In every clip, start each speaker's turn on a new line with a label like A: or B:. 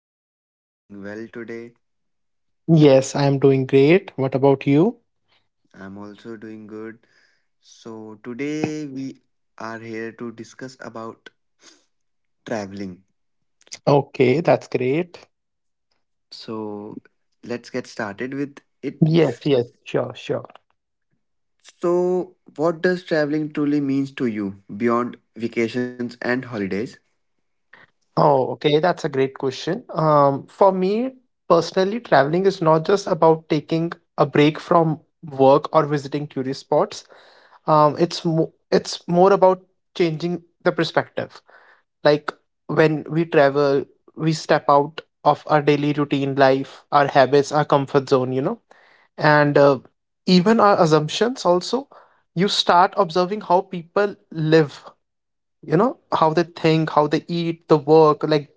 A: I hope you are doing well today.
B: Yes, I am doing great. What about you?
A: I'm also doing good. So, today we are here to discuss about traveling.
B: Okay, that's great.
A: So, let's get started with it.
B: Yes, yes, sure, sure.
A: So, what does traveling truly means to you beyond vacations and holidays?
B: Oh, okay, that's a great question. For me personally, traveling is not just about taking a break from work or visiting tourist spots. It's more about changing the perspective. Like when we travel, we step out of our daily routine life, our habits, our comfort zone. And even our assumptions also, you start observing how people live, how they think, how they eat, the work, like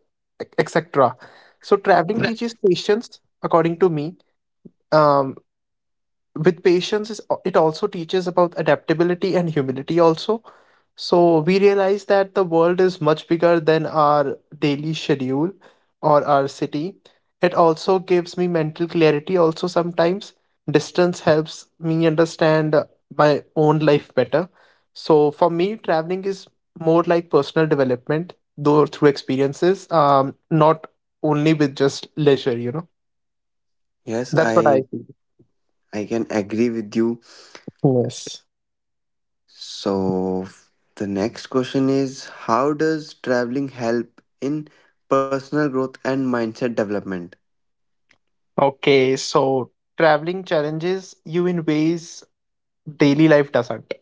B: etc. So traveling teaches patience, according to me. um, with patience, is it also teaches about adaptability and humility also. So we realize that the world is much bigger than our daily schedule or our city. It also gives me mental clarity also sometimes. Distance helps me understand my own life better. So for me, traveling is more like personal development though through experiences, not only with just leisure.
A: Yes,
B: That's what I
A: I
B: feel.
A: I can agree with you.
B: Yes.
A: So, the next question is how does traveling help in personal growth and mindset development?
B: Okay, so traveling challenges you in ways daily life doesn't.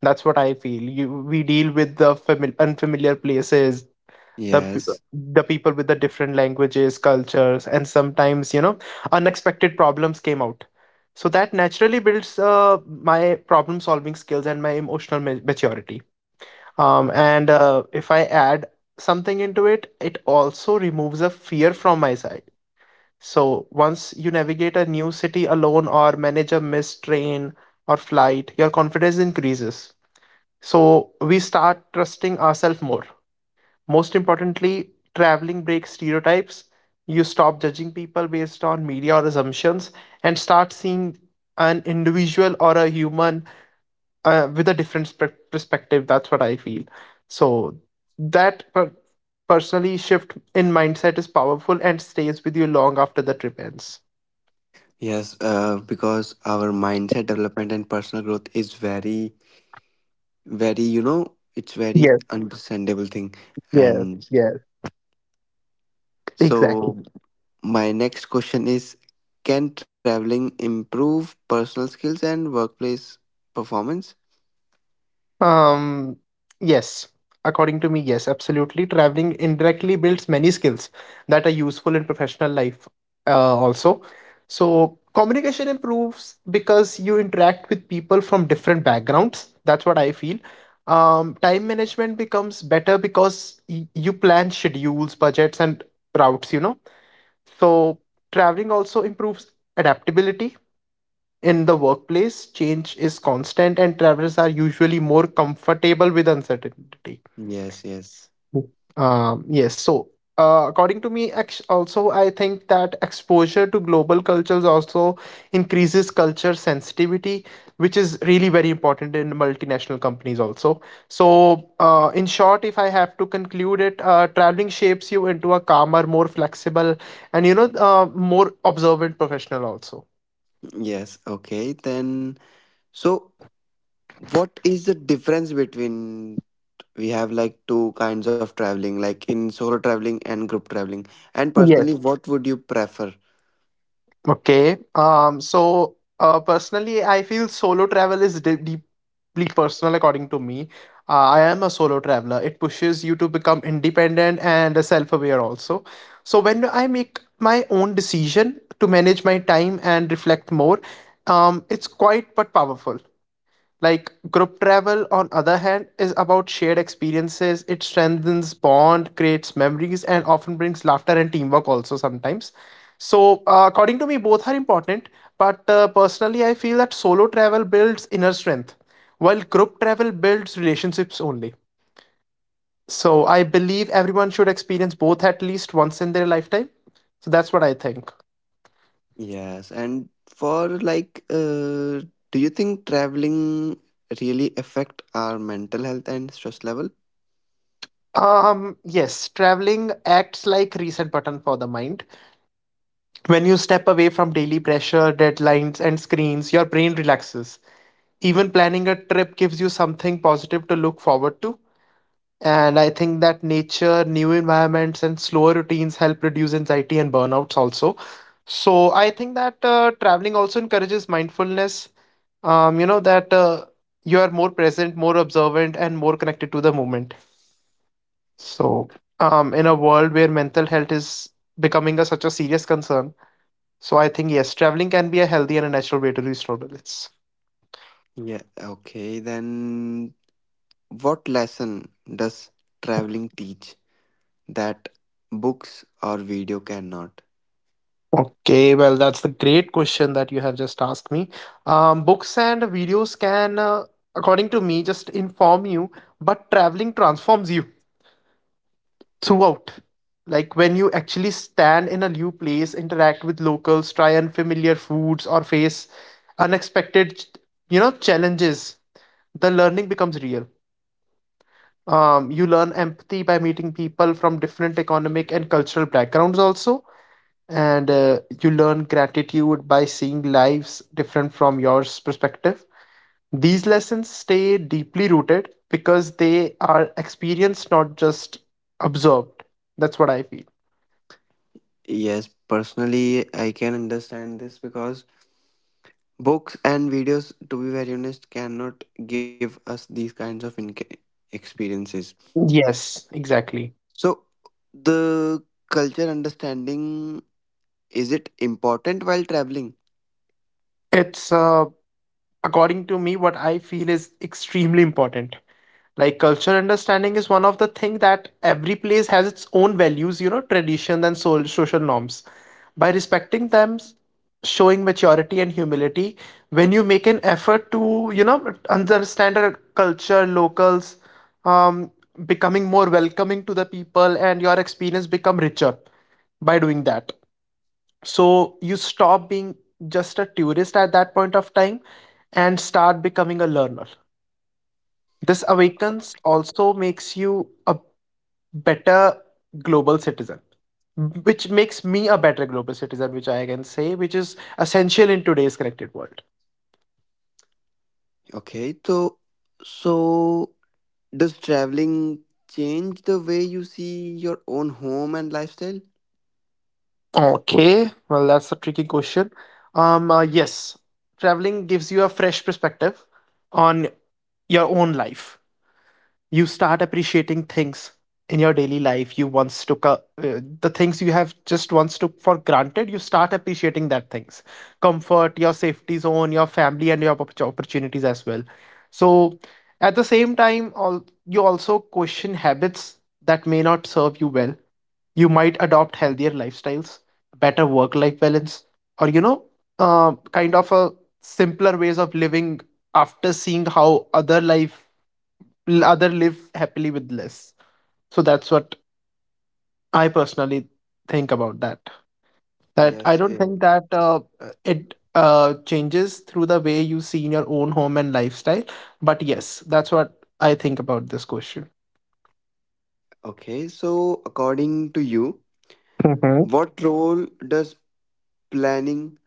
B: That's what I feel. You, we deal with the unfamiliar places, the p-
A: Yes,
B: the people with the different languages, cultures, and sometimes, you know, unexpected problems came out. So that naturally builds my problem solving skills and my emotional maturity. And If I add something into it, it also removes a fear from my side. So, once you navigate a new city alone or manage a missed train or flight, your confidence increases. So, we start trusting ourselves more. Most importantly, traveling breaks stereotypes. You stop judging people based on media or assumptions and start seeing an individual or a human with a different perspective. That's what I feel. So, that per- personally shift in mindset is powerful and stays with you long after the trip ends.
A: Yes, because our mindset development and personal growth is very, very, it's very
B: Yes.
A: understandable thing.
B: Yes,
A: And
B: yes, exactly.
A: so my next question is, can traveling improve personal skills and workplace performance?
B: Um, yes, according to me, yes, absolutely. Traveling indirectly builds many skills that are useful in professional life, also. So communication improves because you interact with people from different backgrounds. That's what I feel. Time management becomes better because y you plan schedules, budgets, and routes, you know. So traveling also improves adaptability. In the workplace, change is constant and travelers are usually more comfortable with uncertainty.
A: Yes, yes.
B: Yes, so according to me, also, I think that exposure to global cultures also increases culture sensitivity, which is really very important in multinational companies, also. So, in short, if I have to conclude it, traveling shapes you into a calmer, more flexible, and more observant professional, also.
A: Yes, okay. Then, so what is the difference between we have like two kinds of traveling, like in solo traveling and group traveling? And
B: Yes.
A: personally, what would you prefer?
B: Okay. So, personally, I feel solo travel is deeply personal, according to me. I am a solo traveler. It pushes you to become independent and self-aware also. So when I make my own decision to manage my time and reflect more, it's quiet but powerful. Like group travel, on other hand, is about shared experiences. It strengthens bond, creates memories, and often brings laughter and teamwork also sometimes. So, according to me, both are important. But personally, I feel that solo travel builds inner strength, while group travel builds relationships only. So, I believe everyone should experience both at least once in their lifetime. So, that's what I think.
A: Yes, and for do you think traveling really affect our mental health and stress level?
B: Yes, traveling acts like reset button for the mind. When you step away from daily pressure, deadlines, and screens, your brain relaxes. Even planning a trip gives you something positive to look forward to. And I think that nature, new environments, and slower routines help reduce anxiety and burnouts also. So I think that traveling also encourages mindfulness. You know, that You are more present, more observant, and more connected to the moment. So, in a world where mental health is becoming a, such a serious concern, so I think yes, traveling can be a healthy and a natural way to restore balance.
A: Yeah, okay, then what lesson does traveling teach that books or video cannot?
B: Okay, well, that's the great question that you have just asked me. Books and videos can, according to me, just inform you, but traveling transforms you throughout. Like when you actually stand in a new place, interact with locals, try unfamiliar foods, or face unexpected, you know, challenges, the learning becomes real. You learn empathy by meeting people from different economic and cultural backgrounds also, and you learn gratitude by seeing lives different from yours perspective. These lessons stay deeply rooted because they are experienced, not just observed. That's what I feel.
A: Yes, personally, I can understand this because books and videos, to be very honest, cannot give us these kinds of inca experiences.
B: Yes, exactly.
A: So, the culture understanding, is it important while traveling?
B: It's according to me, what I feel is extremely important. Like cultural understanding is one of the thing that every place has its own values, you know, tradition and social norms. By respecting them, showing maturity and humility. When you make an effort to, you know, understand a culture locals, um becoming more welcoming to the people, and your experience become richer by doing that. So you stop being just a tourist at that point of time and start becoming a learner. This awakens also makes you a better global citizen, which makes me a better global citizen, which I can say, which is essential in today's connected world.
A: Okay, so does traveling change the way you see your own home and lifestyle?
B: Okay, well, that's a tricky question. Yes, traveling gives you a fresh perspective on your own life. You start appreciating things in your daily life you once took a, the things you have just once took for granted, you start appreciating that things. Comfort, your safety zone, your family, and your opportunities as well. So at the same time all, you also question habits that may not serve you well. You might adopt healthier lifestyles, better work life balance, or kind of a simpler ways of living after seeing how other life other live happily with less. So that's what I personally think about that, that I
A: Yes.
B: don't think
A: eh,
B: that it changes through the way you see in your own home and lifestyle. But yes, that's what I think about this question.
A: Okay, so according to you,
B: Hmm.
A: what role does planning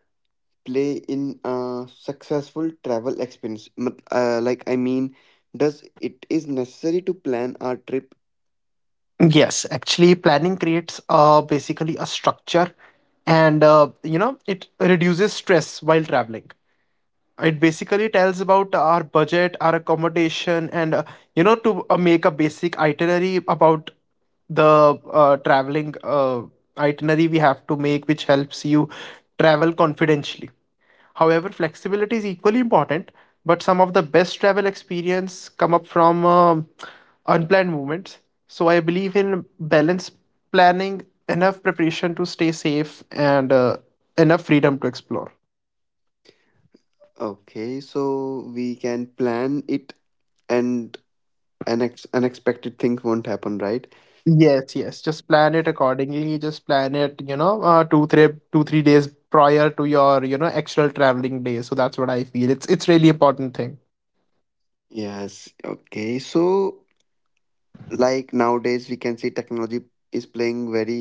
A: play in a successful travel experience? Like I mean, does it is necessary to plan our trip?
B: Yes, actually planning creates basically a structure, and you know it reduces stress while traveling. It basically tells about our budget, our accommodation, and you know, to make a basic itinerary about the traveling itinerary we have to make, which helps you travel confidentially. However, flexibility is equally important, but some of the best travel experience come up from unplanned movements. So I believe in balance, planning, enough preparation to stay safe and enough freedom to explore.
A: Okay, so we can plan it and unexpected things won't happen, right?
B: Yes, yes. Just plan it accordingly. Just plan it, you know, two, three, two, 3 days prior to your, you know, actual traveling day. So that's what I feel. It's really important thing.
A: Yes, okay. So, like nowadays, we can see technology is playing very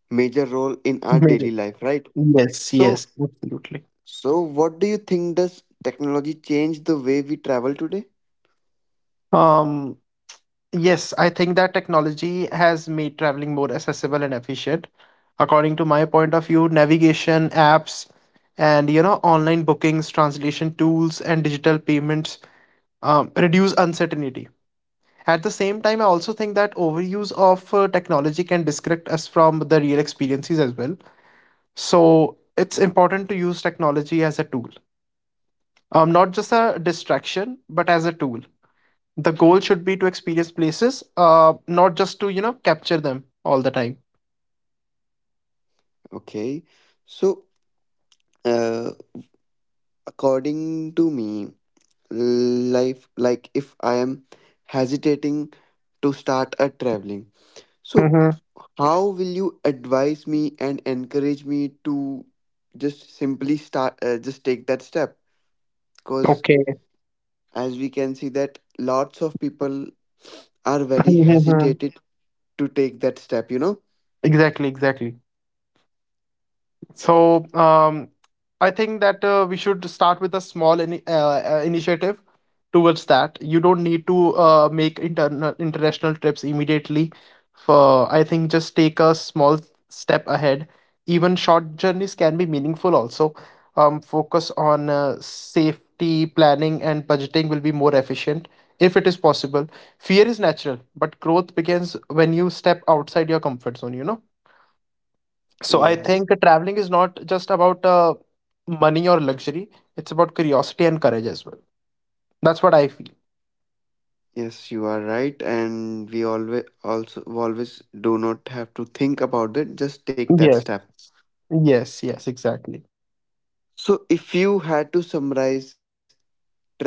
A: major role in our daily
B: Major.
A: life, right?
B: Yes,
A: So,
B: yes, absolutely.
A: so what do you think, does technology change the way we travel today?
B: Um, yes, I think that technology has made traveling more accessible and efficient. According to my point of view, navigation apps and you know online bookings, translation tools, and digital payments reduce uncertainty. At the same time, I also think that overuse of technology can disconnect us from the real experiences as well. So it's important to use technology as a tool, not just a distraction, but as a tool. The goal should be to experience places, not just to, you know, capture them all the time.
A: Okay. So, uh, according to me, life like if I am hesitating to start a traveling, so
B: Mm-hmm.
A: how will you advise me and encourage me to just simply start, just take that step? Because
B: Okay.
A: as we can see that lots of people are very
B: Mm-hmm.
A: hesitated to take that step, you know?
B: Exactly, exactly. So I think that we should start with a small initiative towards that. You don't need to make internal international trips immediately. For I think just take a small step ahead. Even short journeys can be meaningful. Also, focus on safety planning and budgeting will be more efficient if it is possible. Fear is natural, but growth begins when you step outside your comfort zone. You know. So I think
A: Yes,
B: traveling is not just about money or luxury, it's about curiosity and courage as well. That's what I feel.
A: yes, you are right. And we always also always do not have to think about it, just take that
B: Yes,
A: step.
B: yes, yes, exactly.
A: So, if you had to summarize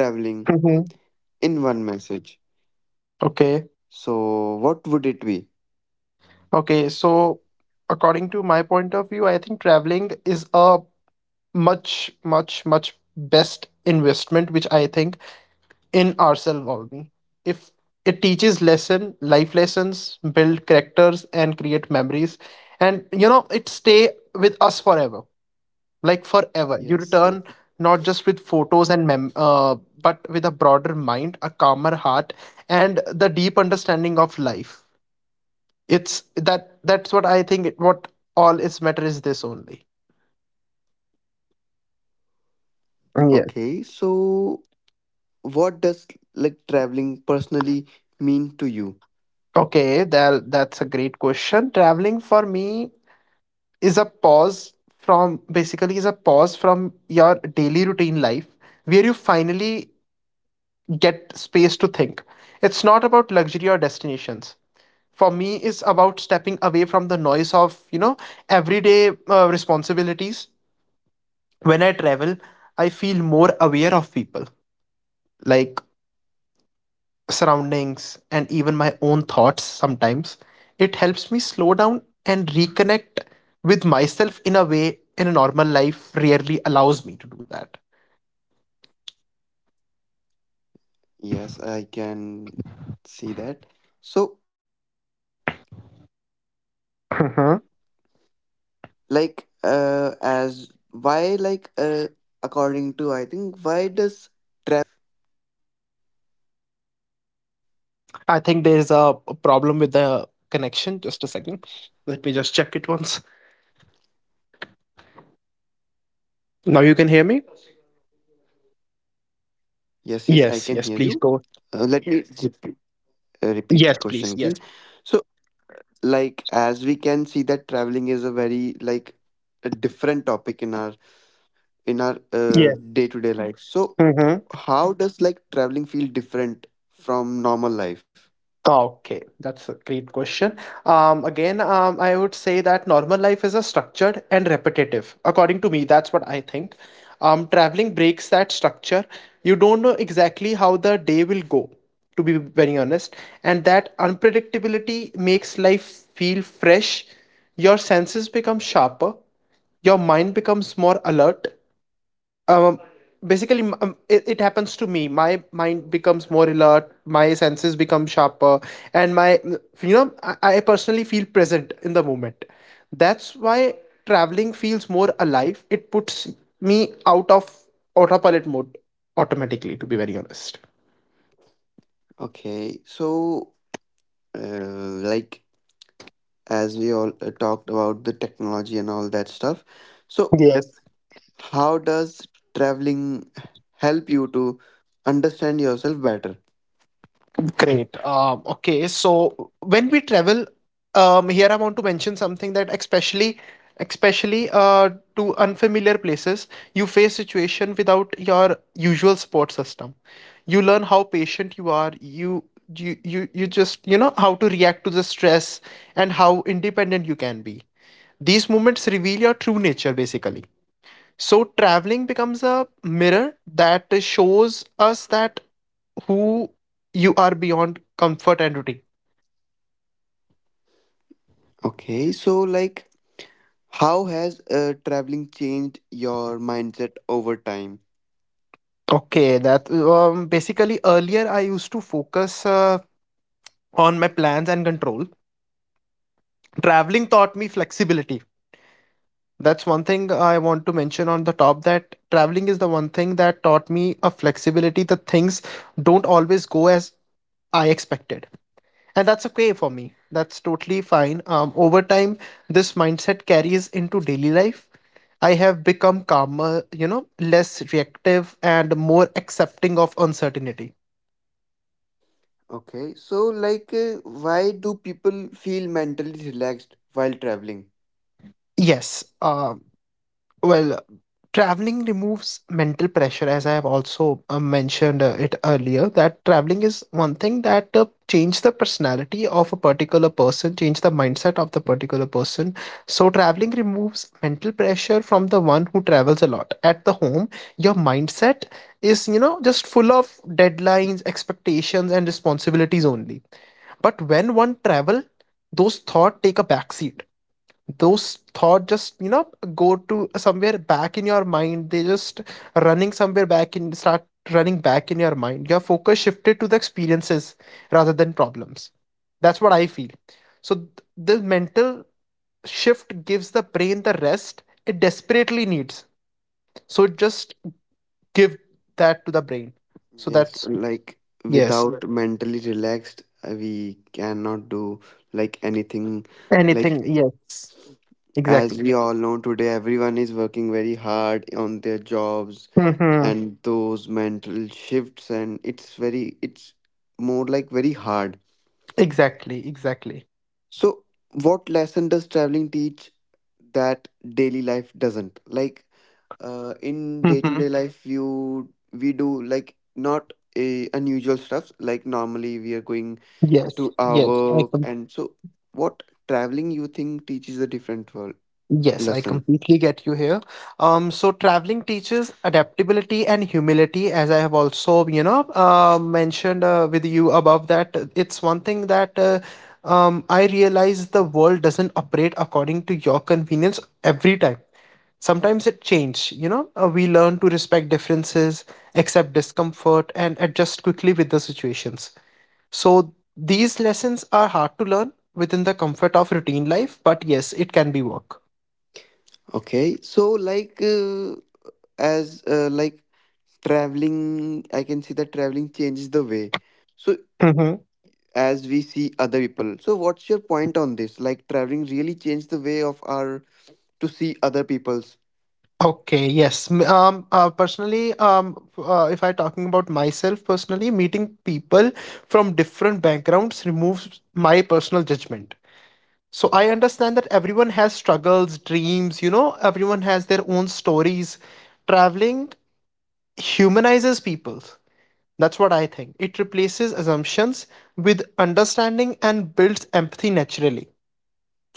A: traveling
B: Mm-hmm.
A: in one message,
B: Okay,
A: so what would it be?
B: okay. So, according to my point of view, I think traveling is a much, much, much best investment, which I think in ourselves only. If it teaches lesson, life lessons, build characters, and create memories, and you know, it stay with us forever. Like forever. You return not just with photos
A: Yes.
B: and but with a broader mind, a calmer heart, and the deep understanding of life. It's that, that's what I think. What all is matter is this only. Yes.
A: Okay, so what does like traveling personally
B: Okay, that
A: mean
B: that's a
A: to you?
B: great question. Traveling for me is a pause from basically is a pause from your daily routine life where you finally get space to think. It's not about luxury or destinations. For me is about stepping away from the noise of everyday responsibilities. When I travel, I feel more aware of people, like surroundings and even my own thoughts sometimes. It helps me slow down and reconnect with myself in a way in a normal life rarely allows me to do that.
A: Yes, I can see that. So,
B: Mhm.
A: like, uh, as why, like, uh, according to I think, why does traveling feel different than our normal
B: I
A: life?
B: think there's a problem with the connection. Just a second, let me just check it once. Now you can hear me? Yes, yes, please go.
A: Yes, yes, I can hear you.
B: Yes,
A: Let me
B: please, yes.
A: Repeat, repeat the question again. So, like, as we can see that traveling is a very like a different
B: Yes.
A: topic in our in
B: Mm-hmm.
A: our uh, day-to-day life, so how does like traveling feel different
B: Okay, that's a
A: from normal
B: great
A: life?
B: question. Again, I would say that normal life is a structured and repetitive. According to me, that's what I think. Traveling breaks that structure. You don't know exactly how the day will go, to be very honest. And that unpredictability makes life feel fresh. Your senses become sharper. Your mind becomes more alert. um Basically, it happens to me, my mind becomes more alert, my senses become sharper, and my, I personally feel present in the moment. That's why traveling feels more alive. It puts me out of autopilot mode automatically, to be very honest.
A: Okay, so like, as we all talked about the technology and all that stuff, so
B: Yes.
A: how does traveling help you to understand yourself better?
B: Great. Okay, so when we travel, here I want to mention something that especially, especially to unfamiliar places, you face situation without your usual support system. You learn how patient you are. You just you know how to react to the stress and how independent you can be. These moments reveal your true nature, basically. So traveling becomes a mirror that shows us that who you are beyond comfort and routine.
A: Okay, so like how has traveling changed your mindset over time?
B: Okay, that basically earlier I used to focus on my plans and control. Traveling taught me flexibility. That's one thing I want to mention on the top, that traveling is the one thing that taught me a flexibility. The things don't always go as I expected, and that's okay for me, that's totally fine. Over time, this mindset carries into daily life. I have become calmer, you know, less reactive and more accepting of uncertainty.
A: Okay, so like, why do people feel mentally relaxed while traveling?
B: Yes. um Well, traveling removes mental pressure, as I have also mentioned it earlier, that traveling is one thing that change the personality of a particular person, change the mindset of the particular person. So traveling removes mental pressure from the one who travels a lot. At the home, your mindset is, you know, just full of deadlines, expectations, and responsibilities only. But when one travel, those thoughts take a backseat. Those thought just, you know, go to somewhere back in your mind. They just running somewhere back in, start running back in your mind. Your focus shifted to the experiences rather than problems. That's what I feel. So the mental shift gives the brain the rest it desperately needs. So it just give that to the brain, so
A: Yes,
B: that's.
A: like
B: Yes,
A: without mentally relaxed, we cannot do like anything.
B: anything,
A: Like,
B: yes,
A: as
B: exactly.
A: we all know today, everyone is working very hard on their jobs
B: Hmm,
A: and those mental shifts, and it's very, it's more like very hard.
B: exactly, exactly.
A: So, what lesson does traveling teach that daily life doesn't? Like, in day to
B: Hmm.
A: day life you we do like not a unusual stuffs, like normally we are going
B: Yes,
A: to our
B: yes. I
A: work, and so what traveling you think teaches a different world
B: Yes, I
A: lesson?
B: completely get you here. So traveling teaches adaptability and humility, as I have also, you know, mentioned with you above that. It's one thing that I realize the world doesn't operate according to your convenience every time. Sometimes it changes, you know. We learn to respect differences, accept discomfort, and adjust quickly with the situations. So these lessons are hard to learn within the comfort of routine life, but yes, it can be work.
A: Okay, so like as like traveling, I can see that traveling changes the way, so as we see other people, so what's your point on this, like traveling really changed the way of our to see other people's?
B: Okay, yes. Personally, if I talking about myself personally, meeting people from different backgrounds removes my personal judgment. So I understand that everyone has struggles, dreams, you know, everyone has their own stories. Traveling humanizes people. That's what I think. It replaces assumptions with understanding and builds empathy naturally.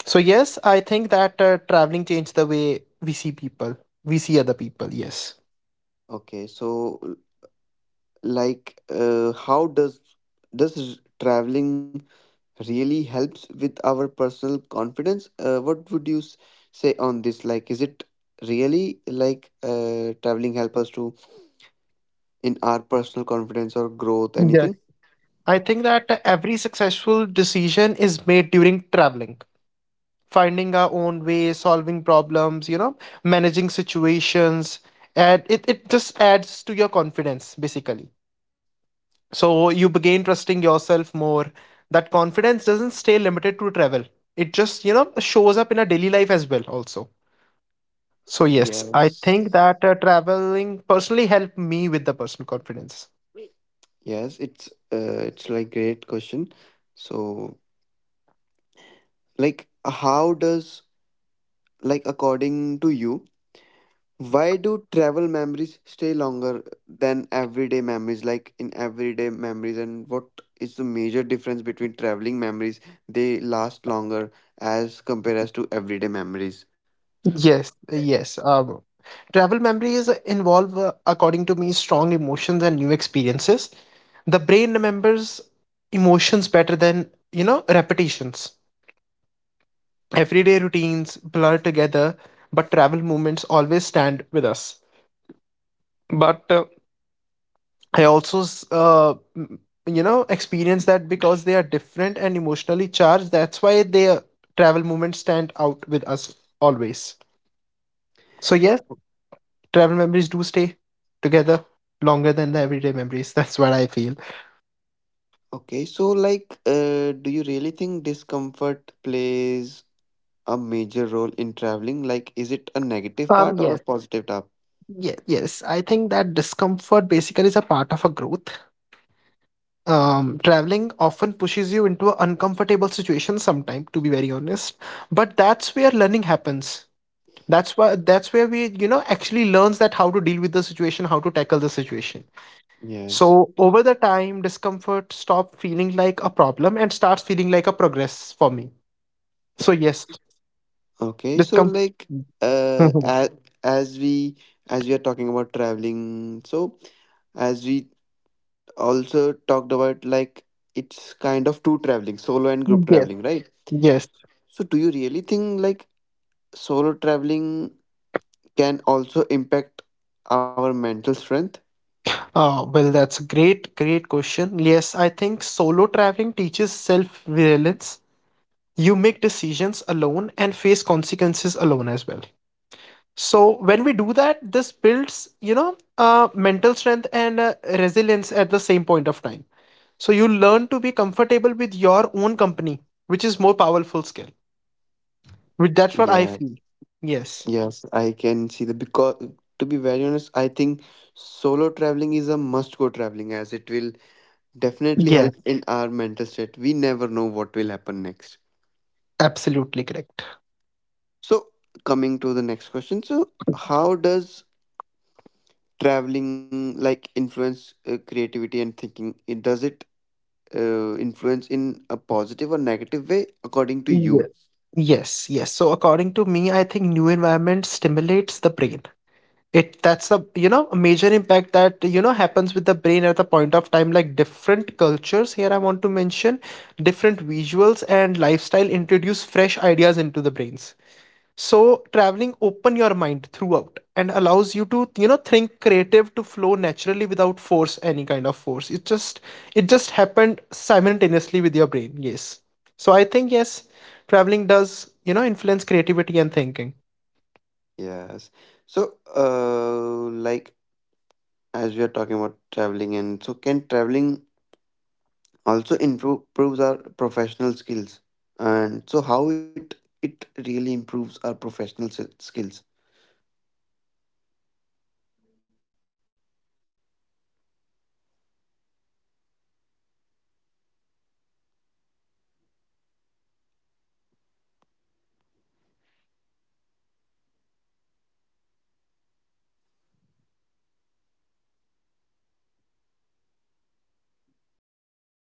B: So yes, I think that traveling changed the way we see people, we see other people. Yes.
A: Okay, so like, how does traveling really helps with our personal confidence? What would you say on this, like is it really like traveling help us to in our personal confidence or growth
B: Yes.
A: anything?
B: I think that every successful decision is made during traveling, finding our own way, solving problems, you know, managing situations. And it just adds to your confidence, basically. So you begin trusting yourself more. That confidence doesn't stay limited to travel, it just, you know, shows up in our daily life as well, also. So yes, I think
A: Yes,
B: that traveling personally helped me with the personal confidence.
A: yes, it's like great question. So like how does, like according to you, why do travel memories stay longer than everyday memories? Like in everyday memories, and what is the major difference between traveling memories? They last longer as compared as to everyday memories.
B: Yes, yes. Travel memories involve, according to me, strong emotions and new experiences. The brain remembers emotions better than, you know, repetitions. Everyday routines blur together, but travel moments always stand with us. But I also, you know, experience that because they are different and emotionally charged, that's why their travel moments stand out with us always. So yes, travel memories do stay together longer than the everyday memories. That's what I feel.
A: Okay, so like, do you really think discomfort plays a major role in traveling? Like, is it a negative part or a
B: Yes,
A: positive part?
B: yes, yes. I think that discomfort basically is a part of a growth. Traveling often pushes you into an uncomfortable situation sometime, to be very honest. But that's where learning happens. That's why, that's where we, you know, actually learns that how to deal with the situation, how to tackle the situation.
A: Yes.
B: So over the time, discomfort stop feeling like a problem and starts feeling like a progress for me. So yes,
A: Okay, so
B: discomfort.
A: like, uh,
B: Mhm.
A: as, as we as we are talking about traveling, so as we also talked about like it's kind of two traveling, solo and group
B: Yes,
A: traveling, right?
B: yes.
A: So do you really think like solo traveling can also impact our mental strength?
B: Well, that's a great question. Yes, I think solo traveling teaches self-reliance. You make decisions alone and face consequences alone as well. So when we do that, this builds, you know, mental strength and resilience at the same point of time. So you learn to be comfortable with your own company, which is more powerful skill. Which that's what I
A: Yeah,
B: feel. Yes.
A: yes, I can see the because to be very honest, I think solo traveling is a must go traveling as it will definitely
B: Yes,
A: help in our mental state. We never know what will happen next.
B: absolutely correct.
A: So coming to the next question. So how does traveling like influence creativity and thinking? It does it influence in a positive or negative way according to
B: Ye-
A: you?
B: Yes, yes. So according to me, I think new environment stimulates the brain. It that's a, you know, a major impact that, you know, happens with the brain at the point of time. Like different cultures, here I want to mention different visuals and lifestyle introduce fresh ideas into the brains. So traveling open your mind throughout and allows you to, you know, think creative to flow naturally without force, any kind of force. It just, it just happened simultaneously with your brain. Yes. So I think yes, traveling does, you know, influence creativity and thinking.
A: Yes, so like, as we are talking about
B: Yes.
A: traveling, and so can traveling also improves our professional skills, and so how it,
B: Hello,
A: it
B: I'm audible.
A: really improves our professional skills?